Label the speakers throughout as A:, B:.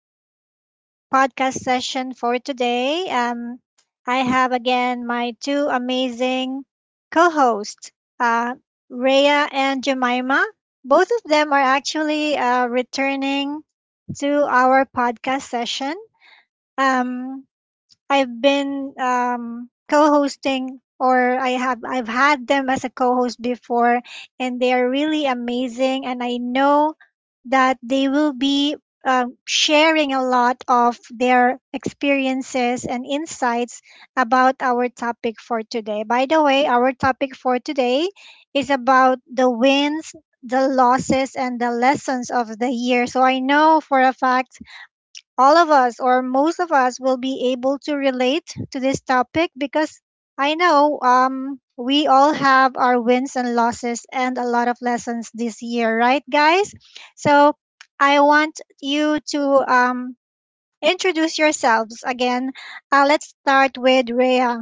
A: to our podcast session for today. I have again my two amazing co-hosts, uh, Rhea and Jemima. Both of them are actually returning to our podcast session. Um, I've been co-hosting or I've had them as a co-host before and they are really amazing and I know that they will be sharing a lot of their experiences and insights about our topic for today. By the way, our topic for today is about the wins, the losses, and the lessons of the year. So I know for a fact all of us or most of us will be able to relate to this topic because I know we all have our wins and losses and a lot of lessons this year, right, guys? So I want you to um, introduce yourselves again. Let's start with Rhea.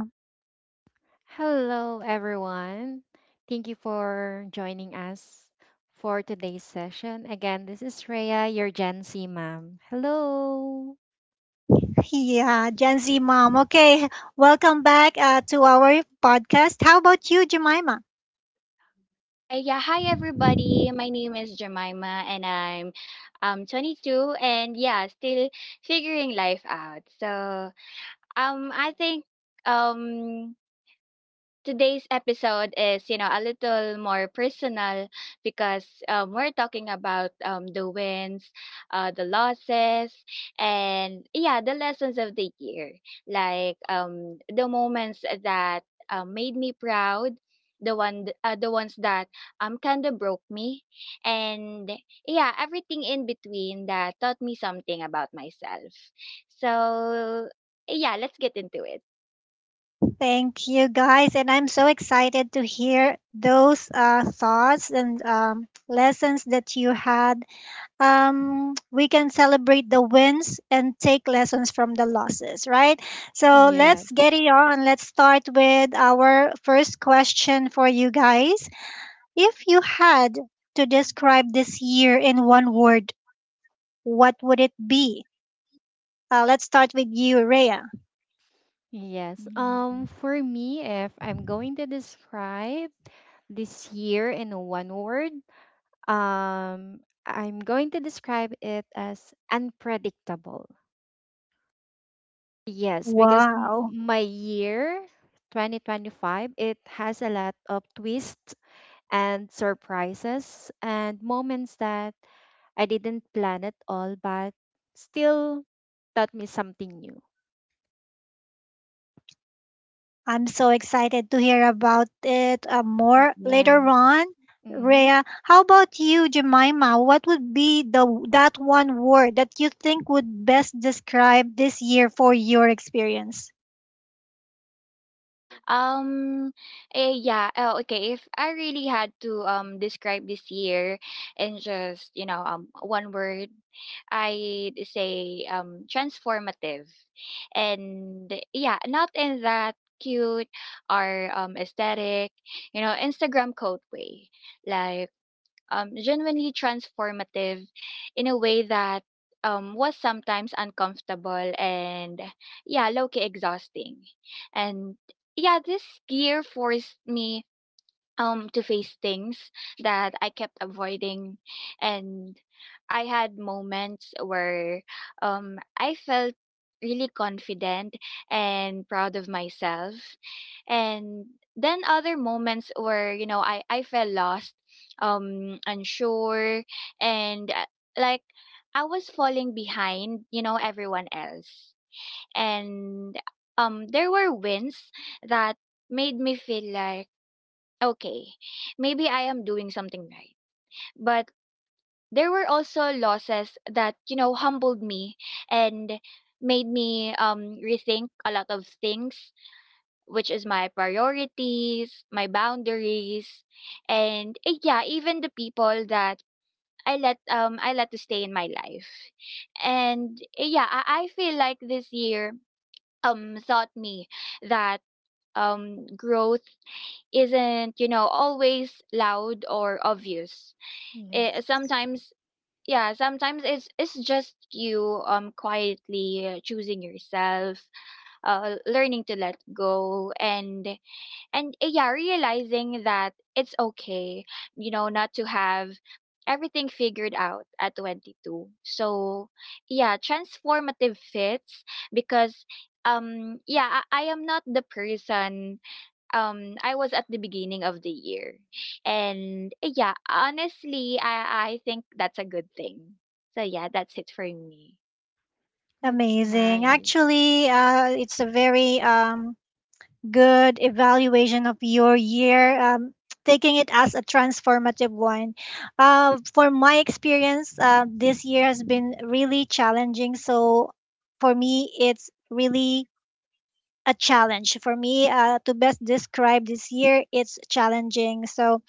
B: Hello, everyone. Thank you for joining us for today's session. Again, this is Rhea, your Gen Z mom. Hello.
A: Yeah, Gen Z mom. Okay, welcome back to our podcast. How about you, Jemima?
C: Yeah, hi everybody. My name is Jemima and I'm 22 and yeah, still figuring life out. So, I think um today's episode is a little more personal because we're talking about the wins, the losses, and yeah, the lessons of the year. Like, the moments that made me proud, the ones that kind of broke me, and yeah, everything in between that taught me something about myself. So yeah, let's get into it.
A: Thank you guys, and I'm so excited to hear those thoughts and lessons that you had. We can celebrate the wins and take lessons from the losses, right? So let's get
B: Yes.
A: it on. Let's start with our first question for you guys. If you had to describe this year in one word, what would it be? Let's start with you, Rhea.
B: Yes. For me, if I'm going to describe this year in one word, um, I'm going to describe it as unpredictable. Yes, because
A: Wow.
B: my year 2025, it has a lot of twists and surprises and moments that I didn't plan at all, but still taught me something new.
A: I'm so excited to hear about it more
B: Yeah.
A: later on.
B: Mm-hmm.
A: Rhea, how about you, Jemima? What would be the that one word that you think would best describe this year for your experience?
C: Um, yeah. Oh, okay. If I really had to describe this year in just one word, I'd say transformative, and yeah, not in that cute or aesthetic, you know, Instagram code way. Like, genuinely transformative in a way that was sometimes uncomfortable and yeah, low key exhausting. And yeah, this year forced me to face things that I kept avoiding, and I had moments where I felt really confident and proud of myself, and then other moments where, I felt lost, unsure, and like I was falling behind, everyone else. And there were wins that made me feel like, okay, maybe I am doing something right. But there were also losses that, humbled me, and made me rethink a lot of things, which is my priorities, my boundaries, and yeah, even the people that I let to stay in my life. And yeah, I feel like this year taught me that growth isn't, always loud or obvious. It,
B: Yes.
C: sometimes — yeah, sometimes it's just you, quietly, choosing yourself, learning to let go, and yeah, realizing that it's okay, not to have everything figured out at 22. So yeah, transformative fits because yeah, I am not the person I was at the beginning of the year, and yeah, honestly I think that's a good thing. So yeah, that's it for me.
B: That's
A: Amazing.
B: nice.
A: Actually, it's a very good evaluation of your year, taking it as a transformative one. For my experience, this year has been really challenging. So for me, it's really a challenge. For me, to best describe this year, it's challenging. So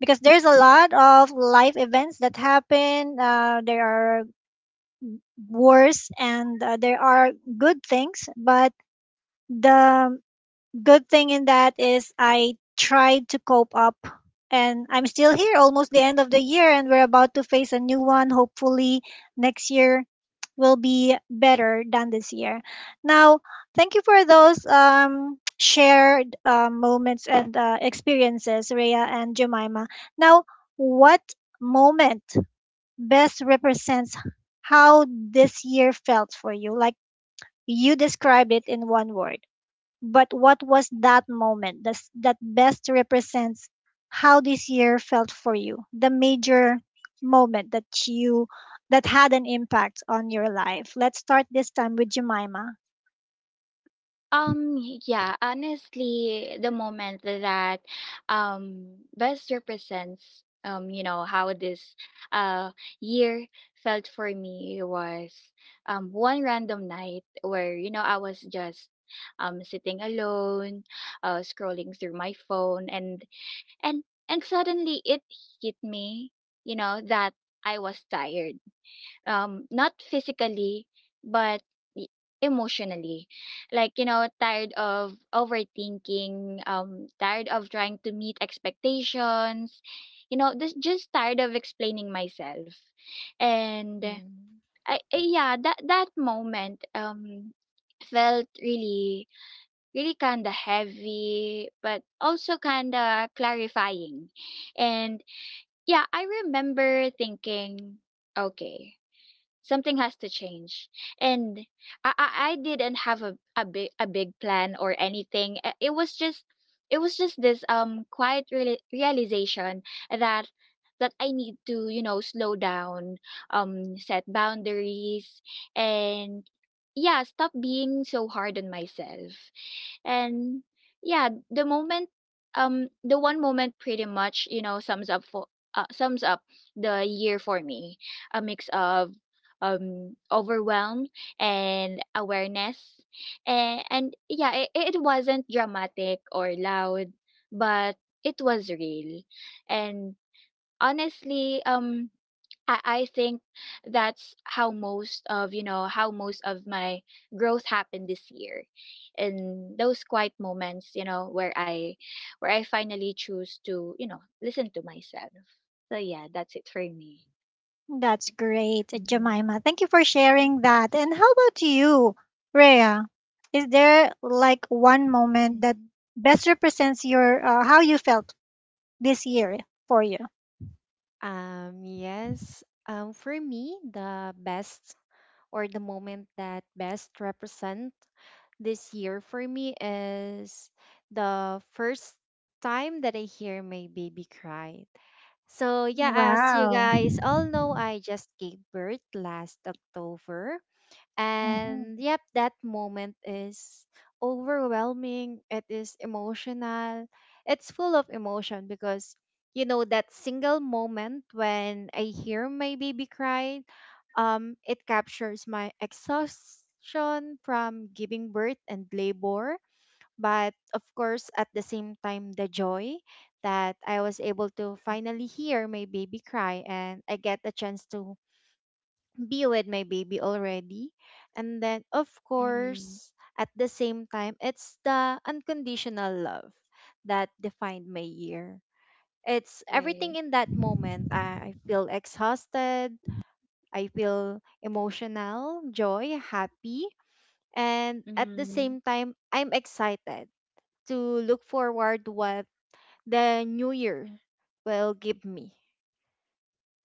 A: because there's a lot of life events that happen, there are wars and there are good things, but the good thing in that is I tried to cope up and I'm still here almost the end of the year and we're about to face a new one. Hopefully next year will be better than this year. Now, thank you for those shared moments and experiences, Rhea and Jemima. Now, what moment best represents how this year felt for you? Like you described it in one word. But what was that moment that best represents how this year felt for you? The major moment that had an impact on your life. Let's start this time with Jemima.
C: Um, yeah, honestly, the moment that best represents, how this uh year felt for me was one random night where I was just sitting alone, scrolling through my phone, and and suddenly it hit me that I was tired, not physically but e- emotionally. Like, tired of overthinking, tired of trying to meet expectations, this, just tired of explaining myself. And I yeah that moment felt really, really kind of heavy but also kind of clarifying. And yeah, I remember thinking, okay, something has to change. And I didn't have a big plan or anything. It was just — this quiet realization that I need to, slow down, set boundaries, and yeah, stop being so hard on myself. And yeah, the moment, the one moment pretty much, you know, sums up the year for me. A mix of overwhelm and awareness. And yeah, it wasn't dramatic or loud, but it was real. And honestly, I think that's how most of how most of my growth happened this year, in those quiet moments, where I finally choose to, listen to myself. So yeah, that's it for me.
A: That's great,
C: Mhm.
A: Jemima. Thank you for sharing that. And how about you, Rhea? Is there like one moment that
B: Mm-hmm.
A: best represents your how you felt this year for you?
B: Yes. For me, the best or the moment that best represent this year for me is the first time that I hear my baby cry. So yeah, as you
A: Wow.
B: guys all know, I just gave birth last October. And
A: Mhm.
B: yep, that moment is overwhelming. It is emotional. It's full of emotion because you know that single moment when I hear my baby cry, it captures my exhaustion from giving birth and labor, but of course at the same time the joy that I was able to finally hear my baby cry and I get a chance to be with my baby already. And then of
C: Mm,
B: course at the same time it's the unconditional love that defined my year. It's everything
C: right.
B: in that moment. I feel exhausted. I feel emotional, joy, happy. And at the
C: Mm,
B: same time, I'm excited to look forward what the new year will give me.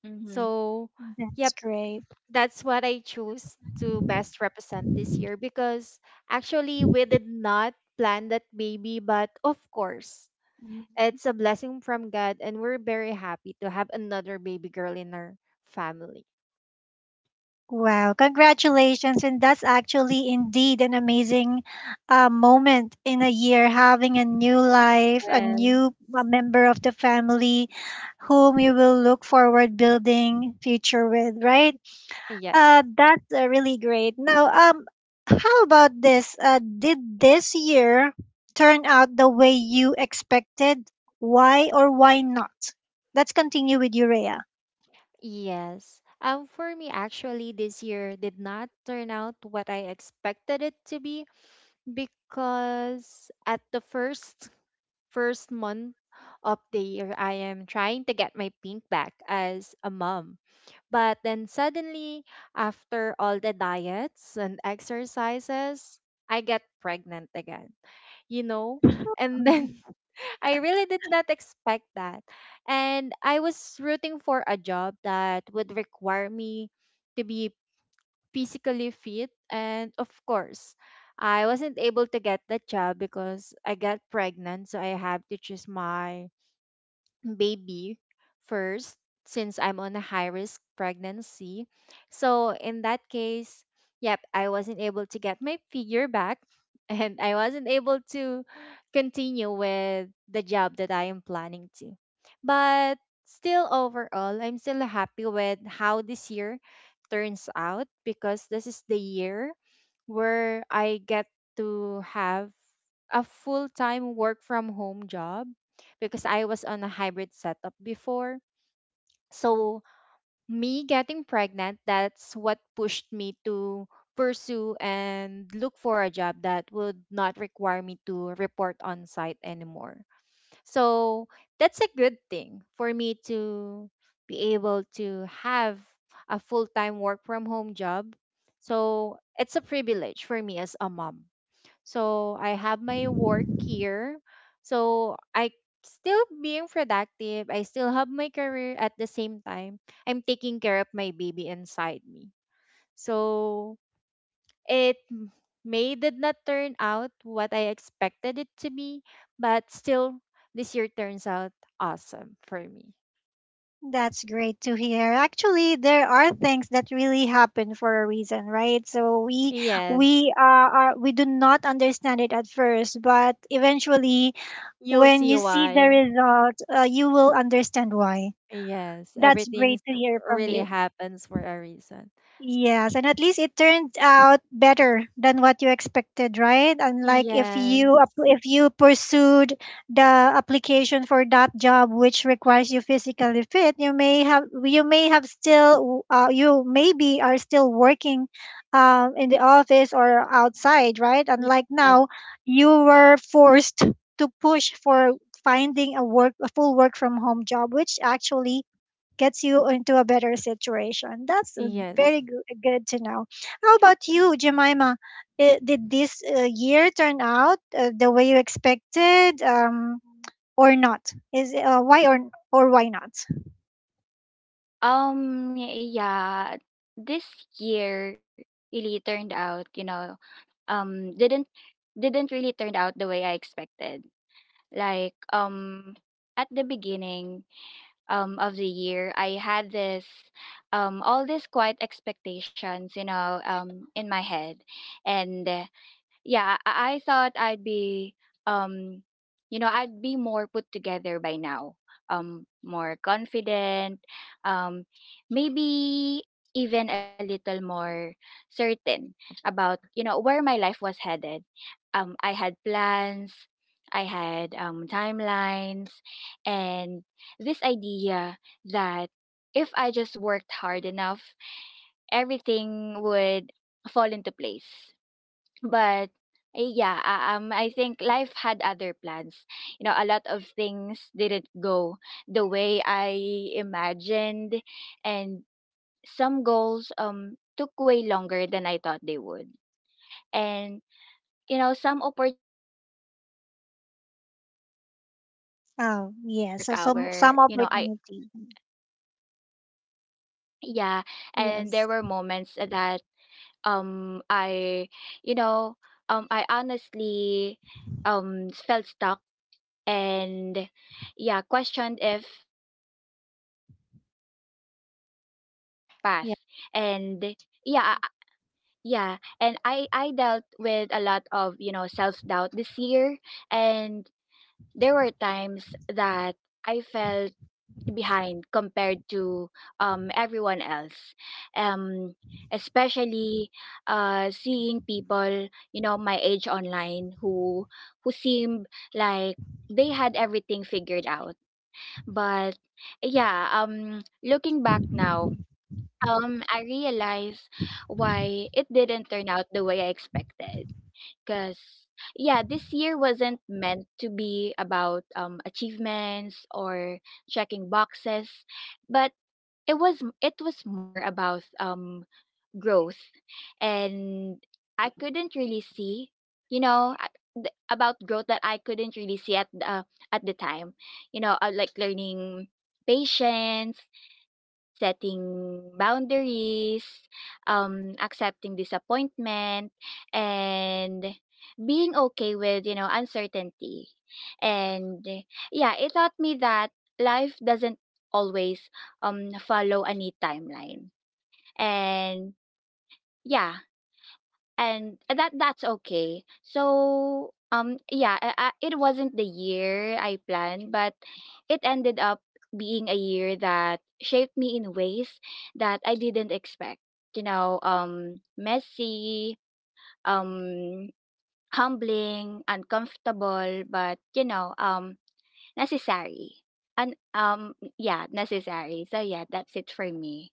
C: mm-hmm.
B: So,
A: That's
B: yep,
A: great.
B: that's what I choose to best represent this year because actually we did not plan that baby, but of course,
C: Mm-hmm.
B: it's a blessing from God and we're very happy to have another baby girl in our family.
A: Wow, congratulations. And that's actually indeed an amazing moment in a year, having a new life, a
B: Yes.
A: new member of the family whom you will look forward building future with, right?
B: Yes.
A: That's really great. Now, how about this? Did this year turn out the way you expected? Why or why not? Let's continue with Urea.
B: Yes. For me, actually, this year did not turn out what I expected it to be, because at the first month of the year I am trying to get my pink back as a mom. But then suddenly after all the diets and exercises, I get pregnant again. You know? And then I really did not expect that. And I was rooting for a job that would require me to be physically fit and of course I wasn't able to get that job because I got pregnant, so I have to choose my baby first since I'm on a high risk pregnancy. So in that case, yep, I wasn't able to get my figure back and I wasn't able to continue with the job that I am planning to. But still overall, I'm still happy with how this year turns out because this is the year where I get to have a full-time work from home job because I was on a hybrid setup before. So me getting pregnant, that's what pushed me to pursue and look for a job that would not require me to report on site anymore. So that's a good thing for me to be able to have a full-time work from home job. So it's a privilege for me as a mom. So I have my work here. So I still being productive. I still have my career at the same time. I'm taking care of my baby inside me. So it m- may did not turn out what I expected it to be, but still this year turns out awesome for me.
A: That's great to hear. Actually, there are things that really happen for a reason, right? So
B: Yes.
A: we uh, we do not understand it at first, but eventually,
B: You'll
A: when
B: see
A: you see the
B: why.
A: result, you will understand why.
B: Yes,
A: That's
B: everything
A: great to hear from
B: really
A: you.
B: happens for a reason.
A: Yes, and at least it turned out better than what you expected, right? Unlike
B: Yes.
A: if you pursued the application for that job which requires you physically fit, you may have still you maybe are still working in the office or outside, right? Unlike
B: Yes.
A: now, you were forced to push for finding a full work from home job, which actually gets you into a better situation. That's
B: Yes.
A: good to know. How about you, Jemima? Did this year turn out the way you expected, or not? Is Why or why not?
C: Yeah, this year really turned out, you know, um, didn't didn't really turn out the way I expected. Like, at the beginning, of the year, I had all these quiet expectations, in my head, and yeah, I thought I'd be, um, I'd be more put together by now, more confident, um, maybe even a little more certain about where my life was headed. I had plans, I had timelines, and this idea that if I just worked hard enough, everything would fall into place, but yeah, I think life had other plans. A lot of things didn't go the way I imagined, and some goals took way longer than I thought they would. And, some opportunities didn't work out, and there
A: Oh,
C: were
A: yes.
C: moments
A: So
C: where,
A: some
C: I —
A: opportunity.
C: yeah, and there were
B: Yes.
C: moments that I you know I honestly felt stuck, and yeah, questioned if I was even on the right path.
B: Yeah.
C: And yeah I- yeah and I dealt with a lot of, self doubt this year. And there were times that I felt behind compared to, everyone else, um, especially seeing people, my age online, who seemed like they had everything figured out. But yeah, looking back now, I realize why it didn't turn out the way I expected. Cause yeah, this year wasn't meant to be about achievements or checking boxes, but it was more about growth, and I couldn't really see, you know, a- about growth that I couldn't really see at the time, like learning patience, setting boundaries, accepting disappointment, and being okay with, uncertainty. And yeah, it taught me that life doesn't always follow a neat timeline. And yeah, and that that's okay. So yeah, it wasn't the year I planned, but it ended up being a year that shaped me in ways that I didn't expect. You know, messy, um humbling, uncomfortable, but, you know, necessary. And yeah, necessary. So yeah, that's it for me.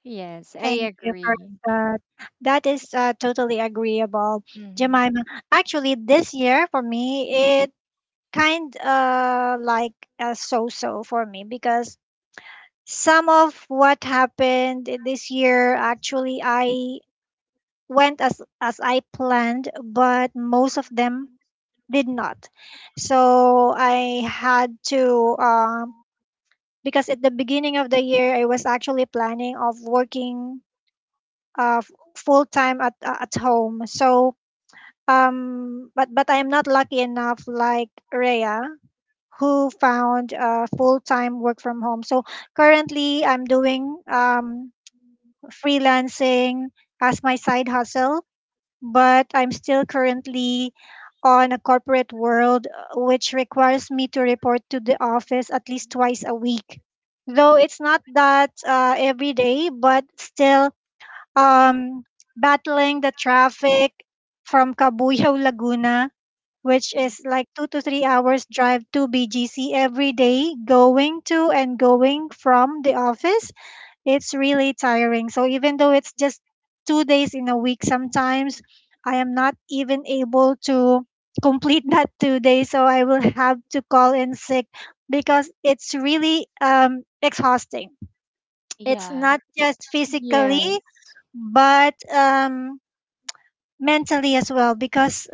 B: Yes. I
C: Yeah.
A: Thank you for
B: agree.
A: that. That is totally agreeable,
B: Hmm.
A: Jemima. Actually, this year for me, it kind like so so for me because some of what happened this year actually I went as I planned, but most of them did not. So I had to because at the beginning of the year I was actually planning of working uh full time at home. So but I am not lucky enough like Rhea who found full time work from home. So currently I'm doing freelancing as my side hustle, but I'm still currently on a corporate world, which requires me to report to the office at least twice a week. Though it's not that every day, but still um, battling the traffic from Cabuyao, Laguna, which is like 2 to 3 hours drive to BGC every day, going to and going from the office it's really tiring. So even though it's just 2 days in a week, sometimes I am not even able to complete that 2 days. So I will have to call in sick because it's really exhausting. It's
C: Yeah.
A: not just physically,
B: Yes.
A: but mentally as well because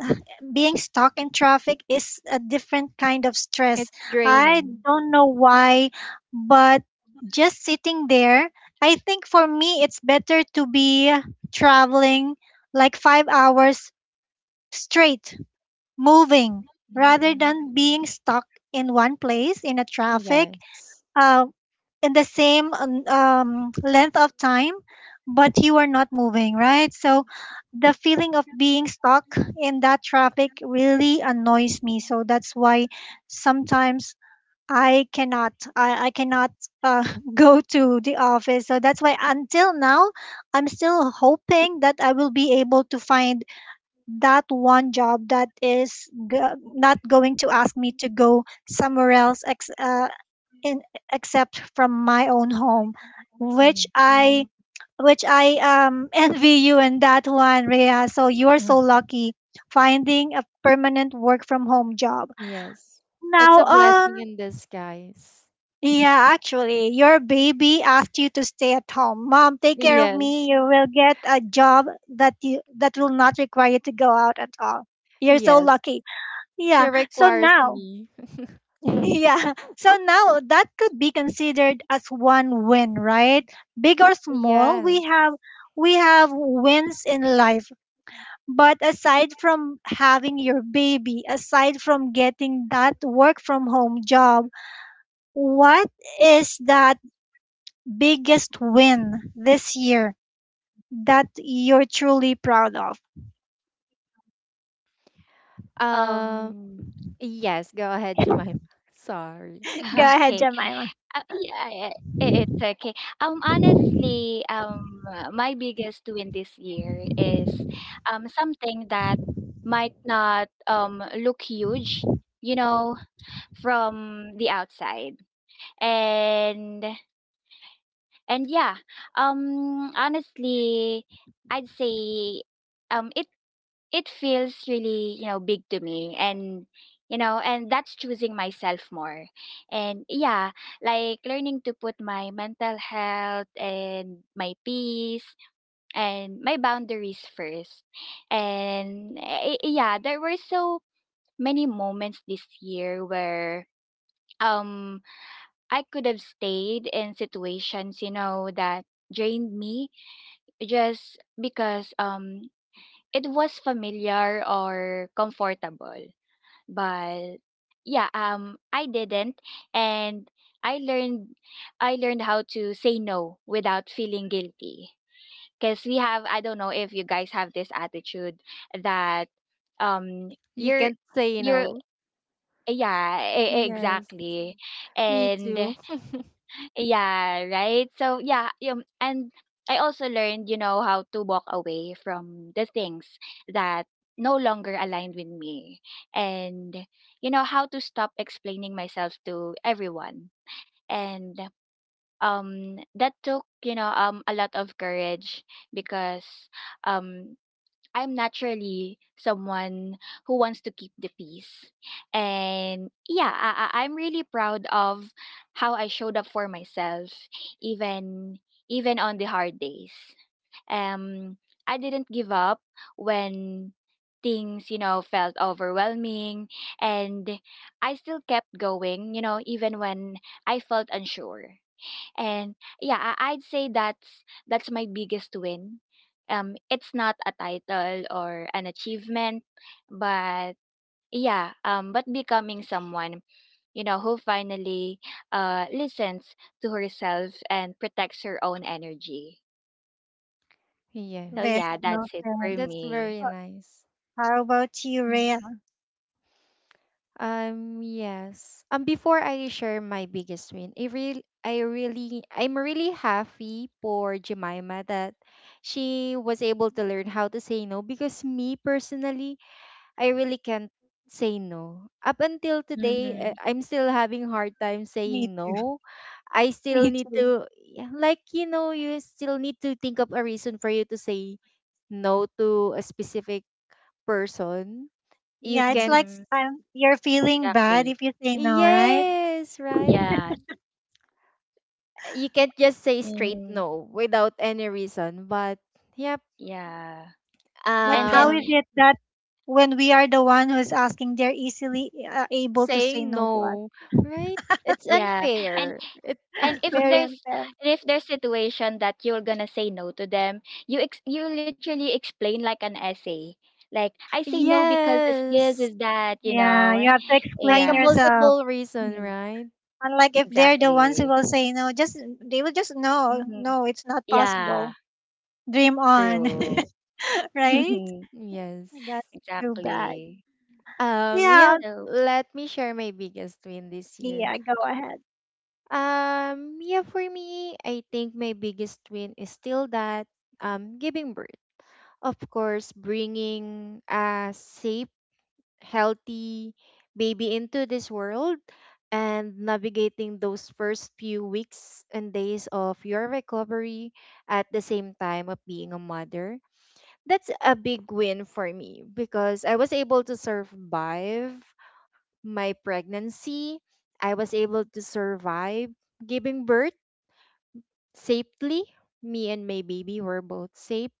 A: being stuck in traffic is a different kind of stress.
B: It's
A: I
B: draining.
A: don't know why, but just sitting there, I think for me it's better to be traveling like 5 hours straight, moving, rather
C: Mhm.
A: than being stuck in one place in a traffic
B: Yes.
A: uh, in the same length of time, but you are not moving, right? So the feeling of being stuck in that traffic really annoys me. So that's why sometimes I cannot uh, go to the office. So that's why until now, I'm still hoping that I will be able to find that one job that is not going to ask me to go somewhere else ex- in except from my own home,
B: Yeah.
A: which I
C: Mhm.
A: which I envy you in that one, Rhea. So you are so
B: Mhm.
A: lucky finding a permanent work from home job.
B: Yes. It's
A: Now,
B: a blessing in disguise.
A: yeah, actually, your baby asked you to stay at home. Mom, take care of me.
B: Yes.
A: You will get a job that will not require you to go out at all. You're so
B: Yes.
A: lucky.
B: She
A: Yeah. So
B: requires
A: now,
B: me.
A: Yeah. So now that could be considered as one win, right? Big or small,
B: Yes.
A: we have wins in life. But aside from having your baby, aside from getting that work from home job, what is that biggest win this year that you're truly proud of?
B: Um,
C: Um
B: yes, go ahead, Jemima. Sorry.
A: Go ahead,
C: okay.
A: Jemima.
C: Yeah, yeah, it's okay. Honestly, my biggest win this year is something that might not look huge, you know, from the outside. And and yeah, honestly, I'd say um it it feels really, big to me, and, and that's choosing myself more. And yeah, like learning to put my mental health and my peace and my boundaries first. And yeah, there were so many moments this year where um I could have stayed in situations, that drained me, just because it was familiar or comfortable, but yeah, I didn't. And i learned I learned how to say no without feeling guilty, because we have — I don't know if you guys have this attitude that um
B: You
C: you're
B: can't say
C: you're
B: no. Yes.
C: exactly.
B: Me
C: And
B: too.
C: yeah, right? So yeah, and I also learned, you know, how to walk away from the things that no longer aligned with me, and, how to stop explaining myself to everyone. And that took, a lot of courage, because um I'm naturally someone who wants to keep the peace. And yeah, I'm really proud of how I showed up for myself, even even on the hard days. Um, I didn't give up when things, you know, felt overwhelming, and I still kept going, you know, even when I felt unsure. And yeah, I'd say that's my biggest win. It's not a title or an achievement, but yeah, but becoming someone, who finally listens to herself and protects her own energy. So
A: Very
B: Yes.
C: yeah,
A: well
C: that's it
A: said.
C: for
B: That's
C: me.
B: very nice.
A: How about you,
C: Mm-hmm.
A: Rhea?
B: Yes. Before I share my biggest win, I really I'm really happy for Jemima that she was able to learn how to say no because me personally, I really can't say no. Up until today, I'm still having hard time
A: Me
B: saying
A: too.
B: no. I
A: Me
B: still need
A: too.
B: to, yeah, like you know, you still need to think of a reason for you to say no to a specific person. You
A: Yeah, it's
B: can't.
A: like
C: Mm-hmm.
A: you're feeling bad
C: Exactly.
A: if you say no, right?
B: Yes, right.
C: Yes.
B: You can't just say straight
C: Mm-hmm.
B: no without any reason, but yep,
C: Yeah.
A: But
C: And
A: how
C: then
A: is
B: um
A: it that when we are the one who's asking, they're easily able to say
B: saying
A: no to us?
B: no, right? It's
C: yeah.
B: unfair. It
C: and if
A: Very
C: there's
A: unfair.
C: and if there's situation that you're gonna say no to them, you literally explain like an essay, like, I say no because this
B: yes.
C: is that, you
A: Yeah, you
C: know.
A: have to
B: Like
A: explain
B: a
C: Yeah.
A: yourself.
B: multiple reason,
C: Mhm.
B: right?
A: Unlike if they're the ones who
C: Exactly.
A: will say no, just they will just no,
C: Hmm.
A: no, it's not
C: Yeah.
A: possible. Dream on,
C: True.
A: right? That's
B: Yes.
A: too bad.
C: Exactly.
A: Yeah,
B: Yeah,
C: So.
B: let me share my biggest win this year.
A: yeah, go ahead.
B: Yeah, for me, I think my biggest win is still that giving birth. Of course, bringing a safe, healthy baby into this world and navigating those first few weeks and days of your recovery at the same time of being a mother. That's a big win for me because I was able to survive my pregnancy. I was able to survive giving birth safely. Me and my baby were both safe.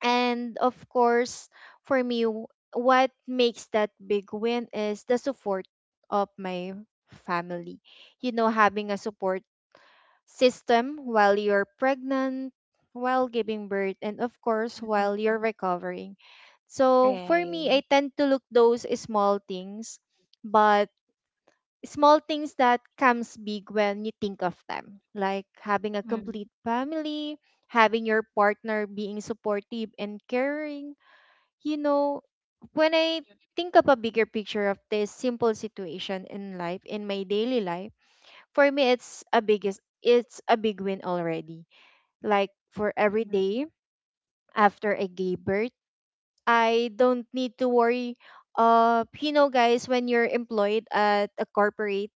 B: And of course, for me, what makes that big win is the support of my family. You know, having a support system while you're pregnant, while giving birth, and of course, while you're
C: Mhm.
B: recovering. So for me, I
C: Right.
B: tend to look those small things, but small things that comes big when you think of them, like having a
C: Mhm.
B: complete family, having your partner being supportive and caring, you know, when I think of a bigger picture of this simple situation in life, in my daily life, for me it's a biggest it's a big win already. Like for every
C: Mhm.
B: day after I gave birth, I don't need to worry of, you know, guys, when you're employed at a corporate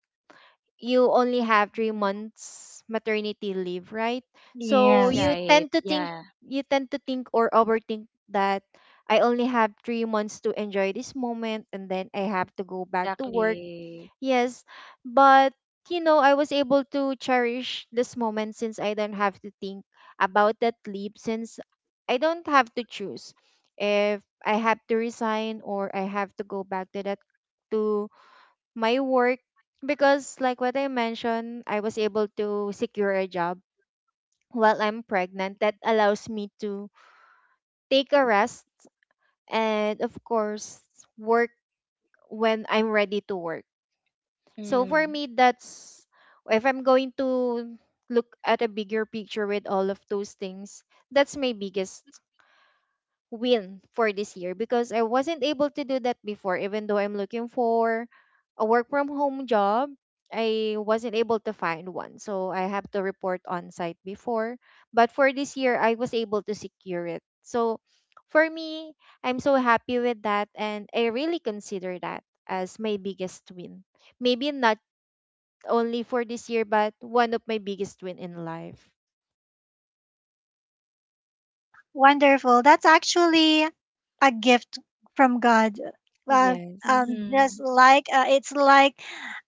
B: you only have three
C: Mhm.
B: months maternity leave, right? So
A: Yes.
C: Right. Yeah.
B: you tend to think or overthink that I only have 3 months to enjoy this moment and then I have to go back to work.
C: Exactly.
B: Yes. But you know, I was able to cherish this moment since I don't have to think about that leave, since I don't have to choose if I have to resign or I have to go back to that to my work because like what I mentioned, I was able to secure a job while I'm pregnant that allows me to take a rest and of course work when I'm ready to work. So for
C: Mm.
B: me that's, if I'm going to look at a bigger picture with all of those things, that's my biggest win for this year because I wasn't able to do that before, even though I'm looking for a work from home job. I wasn't able to find one. So I have to report on site before. But for this year, I was able to secure it. So for me, I'm so happy with that. And I really consider that as my biggest win. Maybe not only for this year, but one of my biggest win in life.
A: Wonderful. That's actually a gift from God. Well,
B: Yes.
A: just
C: Mm-hmm.
A: like it's like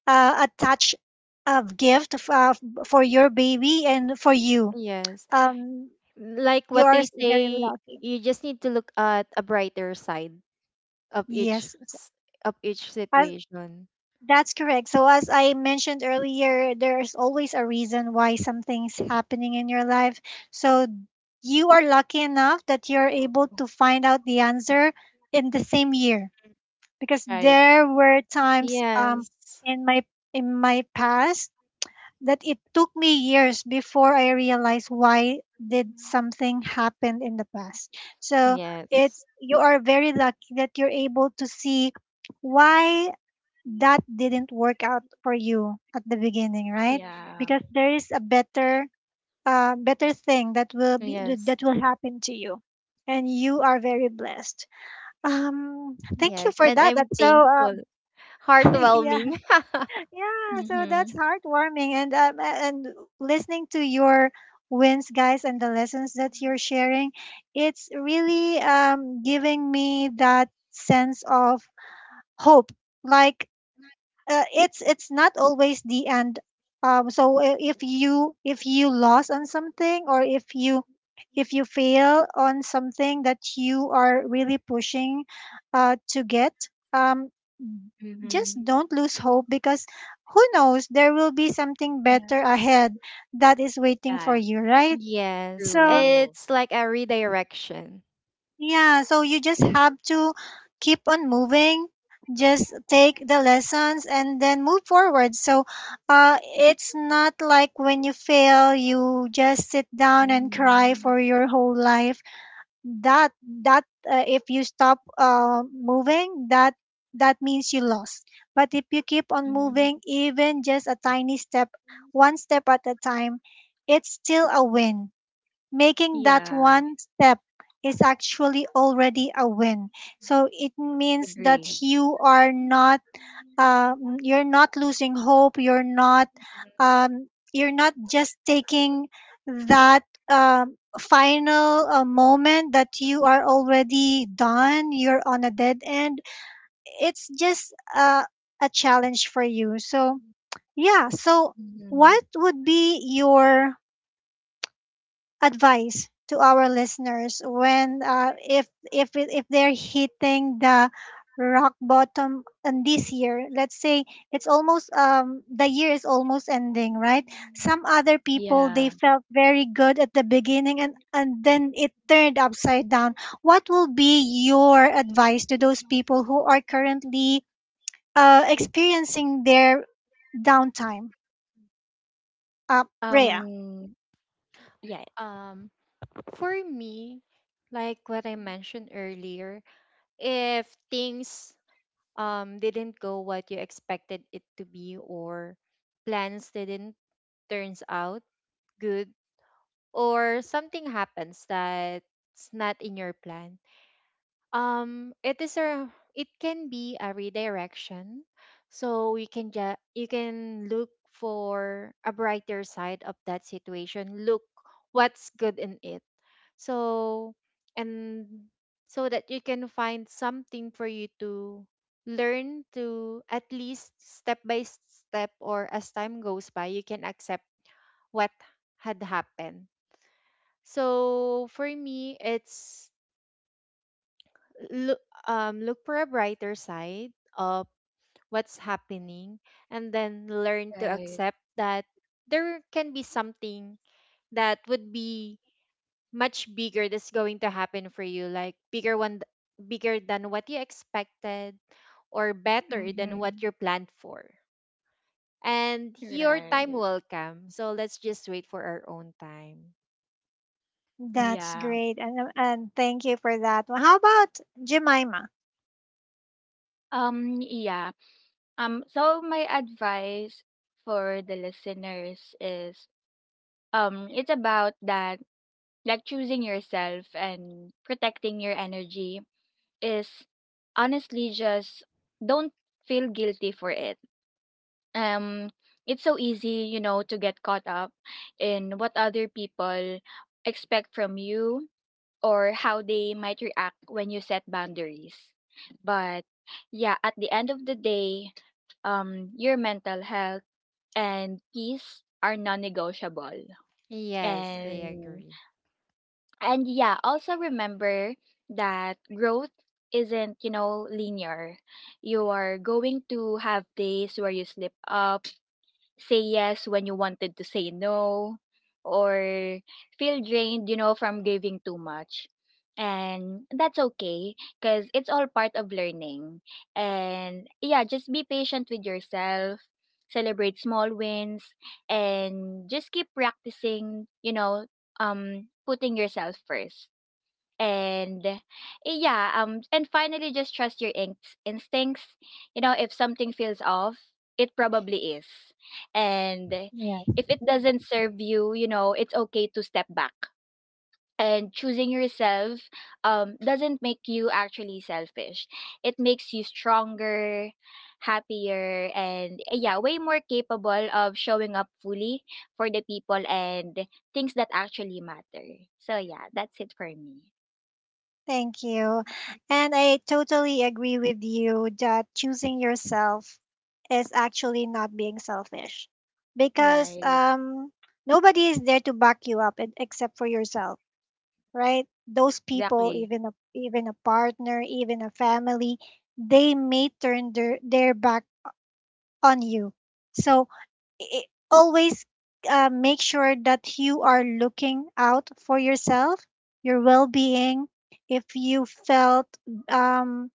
A: a touch of gift for your baby and for you.
B: Yes.
A: Um,
B: Like what they
A: yours very
B: say,
A: lucky.
B: you just need to look at a brighter side of
A: Yes, it's-
B: of each
A: as,
B: situation.
A: that's correct. So as I mentioned earlier, there's always a reason why something's happening in your life. So you are lucky enough that you're able to find out the answer in the same year because
C: Right.
A: there were times
B: Yes.
A: in my in my past that it took me years before I realized why did something happen in the past. So
B: Yes.
A: it's you are very lucky that you're able to see why that didn't work out for you at the beginning, right?
C: Yeah.
A: Because there is a better thing that will be
B: Yes.
A: that will happen to you and you are very blessed thank you
B: Yes.
A: for
B: And
A: that
B: I'm
A: that's so
B: thankful.
A: yeah
B: Heartwarming.
A: yeah so that's
C: Mhm.
A: heartwarming and and listening to your wins guys and the lessons that you're sharing it's really giving me that sense of hope like it's not always the end. So if you lost on something or if you fail on something that you are really pushing to get, um, just
C: Mm-hmm.
A: don't lose hope because who knows there will be something
C: Yeah.
A: better ahead that is waiting for
C: Yeah.
A: you, right?
B: Yes.
A: So
C: True.
B: It's like a redirection.
A: yeah, so you just have to keep on moving, just take the lessons and then move forward. So it's not like when you fail, you just sit down and cry
C: Mhm.
A: for your whole life. That that if you stop moving, that means you lost. But if you keep on
C: Mhm.
A: moving, even just a tiny step, one step at a time, it's still a win making that
C: Yeah.
A: one step is actually already a win. So it
C: I
A: means that
C: agree.
A: you are not you're not losing hope. You're not just taking that final moment that you are already done. You're on a dead end. It's just a challenge for you. So yeah. So
C: Mhm.
A: what would be your advice to our listeners when if if they're hitting the rock bottom in this year, let's say it's almost the year is almost ending, right? Some other people they
C: Yeah.
A: felt very good at the beginning and then it turned upside down. What will be your advice to those people who are currently experiencing their downtime Rhea?
C: Um. Yeah.
B: Um, for me, like what I mentioned earlier, if things didn't go what you expected it to be or plans didn't turns out good or something happens that's not in your plan, it is a, it can be a redirection, so you can just, you can look for a brighter side of that situation, look what's good in it. So and so that you can find something for you to learn, to at least step by step or as time goes by you can accept what had happened. So for me, it's look, look for a brighter side of what's happening and then learn to
C: Right.
B: accept that there can be something that would be much bigger that's going to happen for you, like bigger one, bigger than what you expected or better than what
C: Mm-hmm.
B: you planned for. And your time
C: Right.
B: will come. So let's just wait for our own time.
A: That's
C: Yeah.
A: great. And and thank you for that. Well, how about Jemima?
C: Yeah. So my advice for the listeners is — it's about that, like, choosing yourself and protecting your energy is honestly just — don't feel guilty for it. Um, it's so easy, you know, to get caught up in what other people expect from you or how they might react when you set boundaries. But yeah, at the end of the day, your mental health and peace are non-negotiable.
B: Yes, I
C: And
B: agree.
C: and yeah, also remember that growth isn't, linear. You are going to have days where you slip up, say yes when you wanted to say no, or feel drained, you know, from giving too much. And that's okay because it's all part of learning. And yeah, just be patient with yourself, celebrate small wins, and just keep practicing, you know, putting yourself first. And yeah, and finally, just trust your instincts. You know, if something feels off, it probably is. And
A: Yeah.
C: if it doesn't serve you, you know it's okay to step back. And choosing yourself doesn't make you actually selfish. It makes you stronger, happier, and yeah, way more capable of showing up fully for the people and things that actually matter. So yeah, that's it for me.
A: Thank you. And I totally agree with you that choosing yourself is actually not being selfish because
C: Right.
A: nobody is there to back you up except for yourself, right? Those people,
C: Exactly.
A: even a partner, even a family, they may turn their back on you. So I always make sure that you are looking out for yourself, your well being. If you felt um,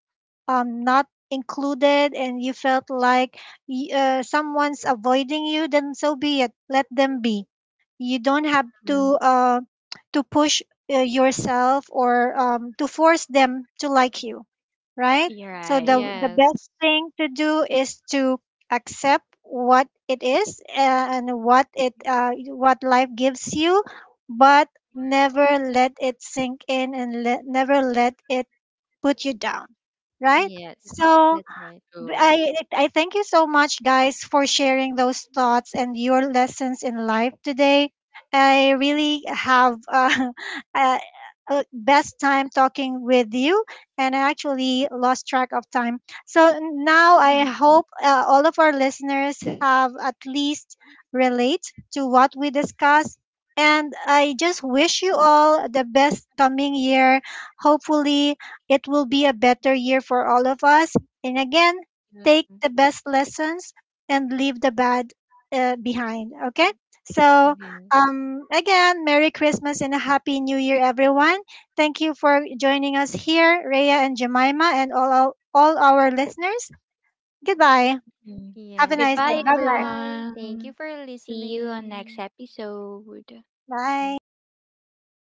A: not included and you felt like someone's avoiding you, then so be it. Let them be. You don't have
C: Mm.
A: to push yourself or to force them to like you, right?
C: You're
A: So the
C: right.
A: best
B: Yes.
A: thing to do is to accept what it is and what it what life gives you, but never let it sink in never let it put you down, right?
B: Yes,
A: So
B: that's right.
C: True.
A: I thank you so much, guys, for sharing those thoughts and your lessons in life today. I really have a, a best time talking with you, and I actually lost track of time. So now I
C: Mhm.
A: hope all of our listeners have at least relate to what we discussed. And I just wish you all the best coming year. Hopefully, it will be a better year for all of us. And again, take
C: Mm.
A: the best lessons and leave the bad behind. Okay. So,
B: Yeah.
A: again, Merry Christmas and a Happy New Year, everyone. Thank you for joining us here, Rhea and Jemima, and all our listeners. Goodbye.
C: Mm.
A: Have a
B: Yes.
A: nice day.
C: Goodbye,
A: Bye-bye.
B: Bye. Thank you
C: everyone.
B: for
C: See you on next
B: listening.
C: episode.
A: Bye.
B: Goodbye.
C: Bye.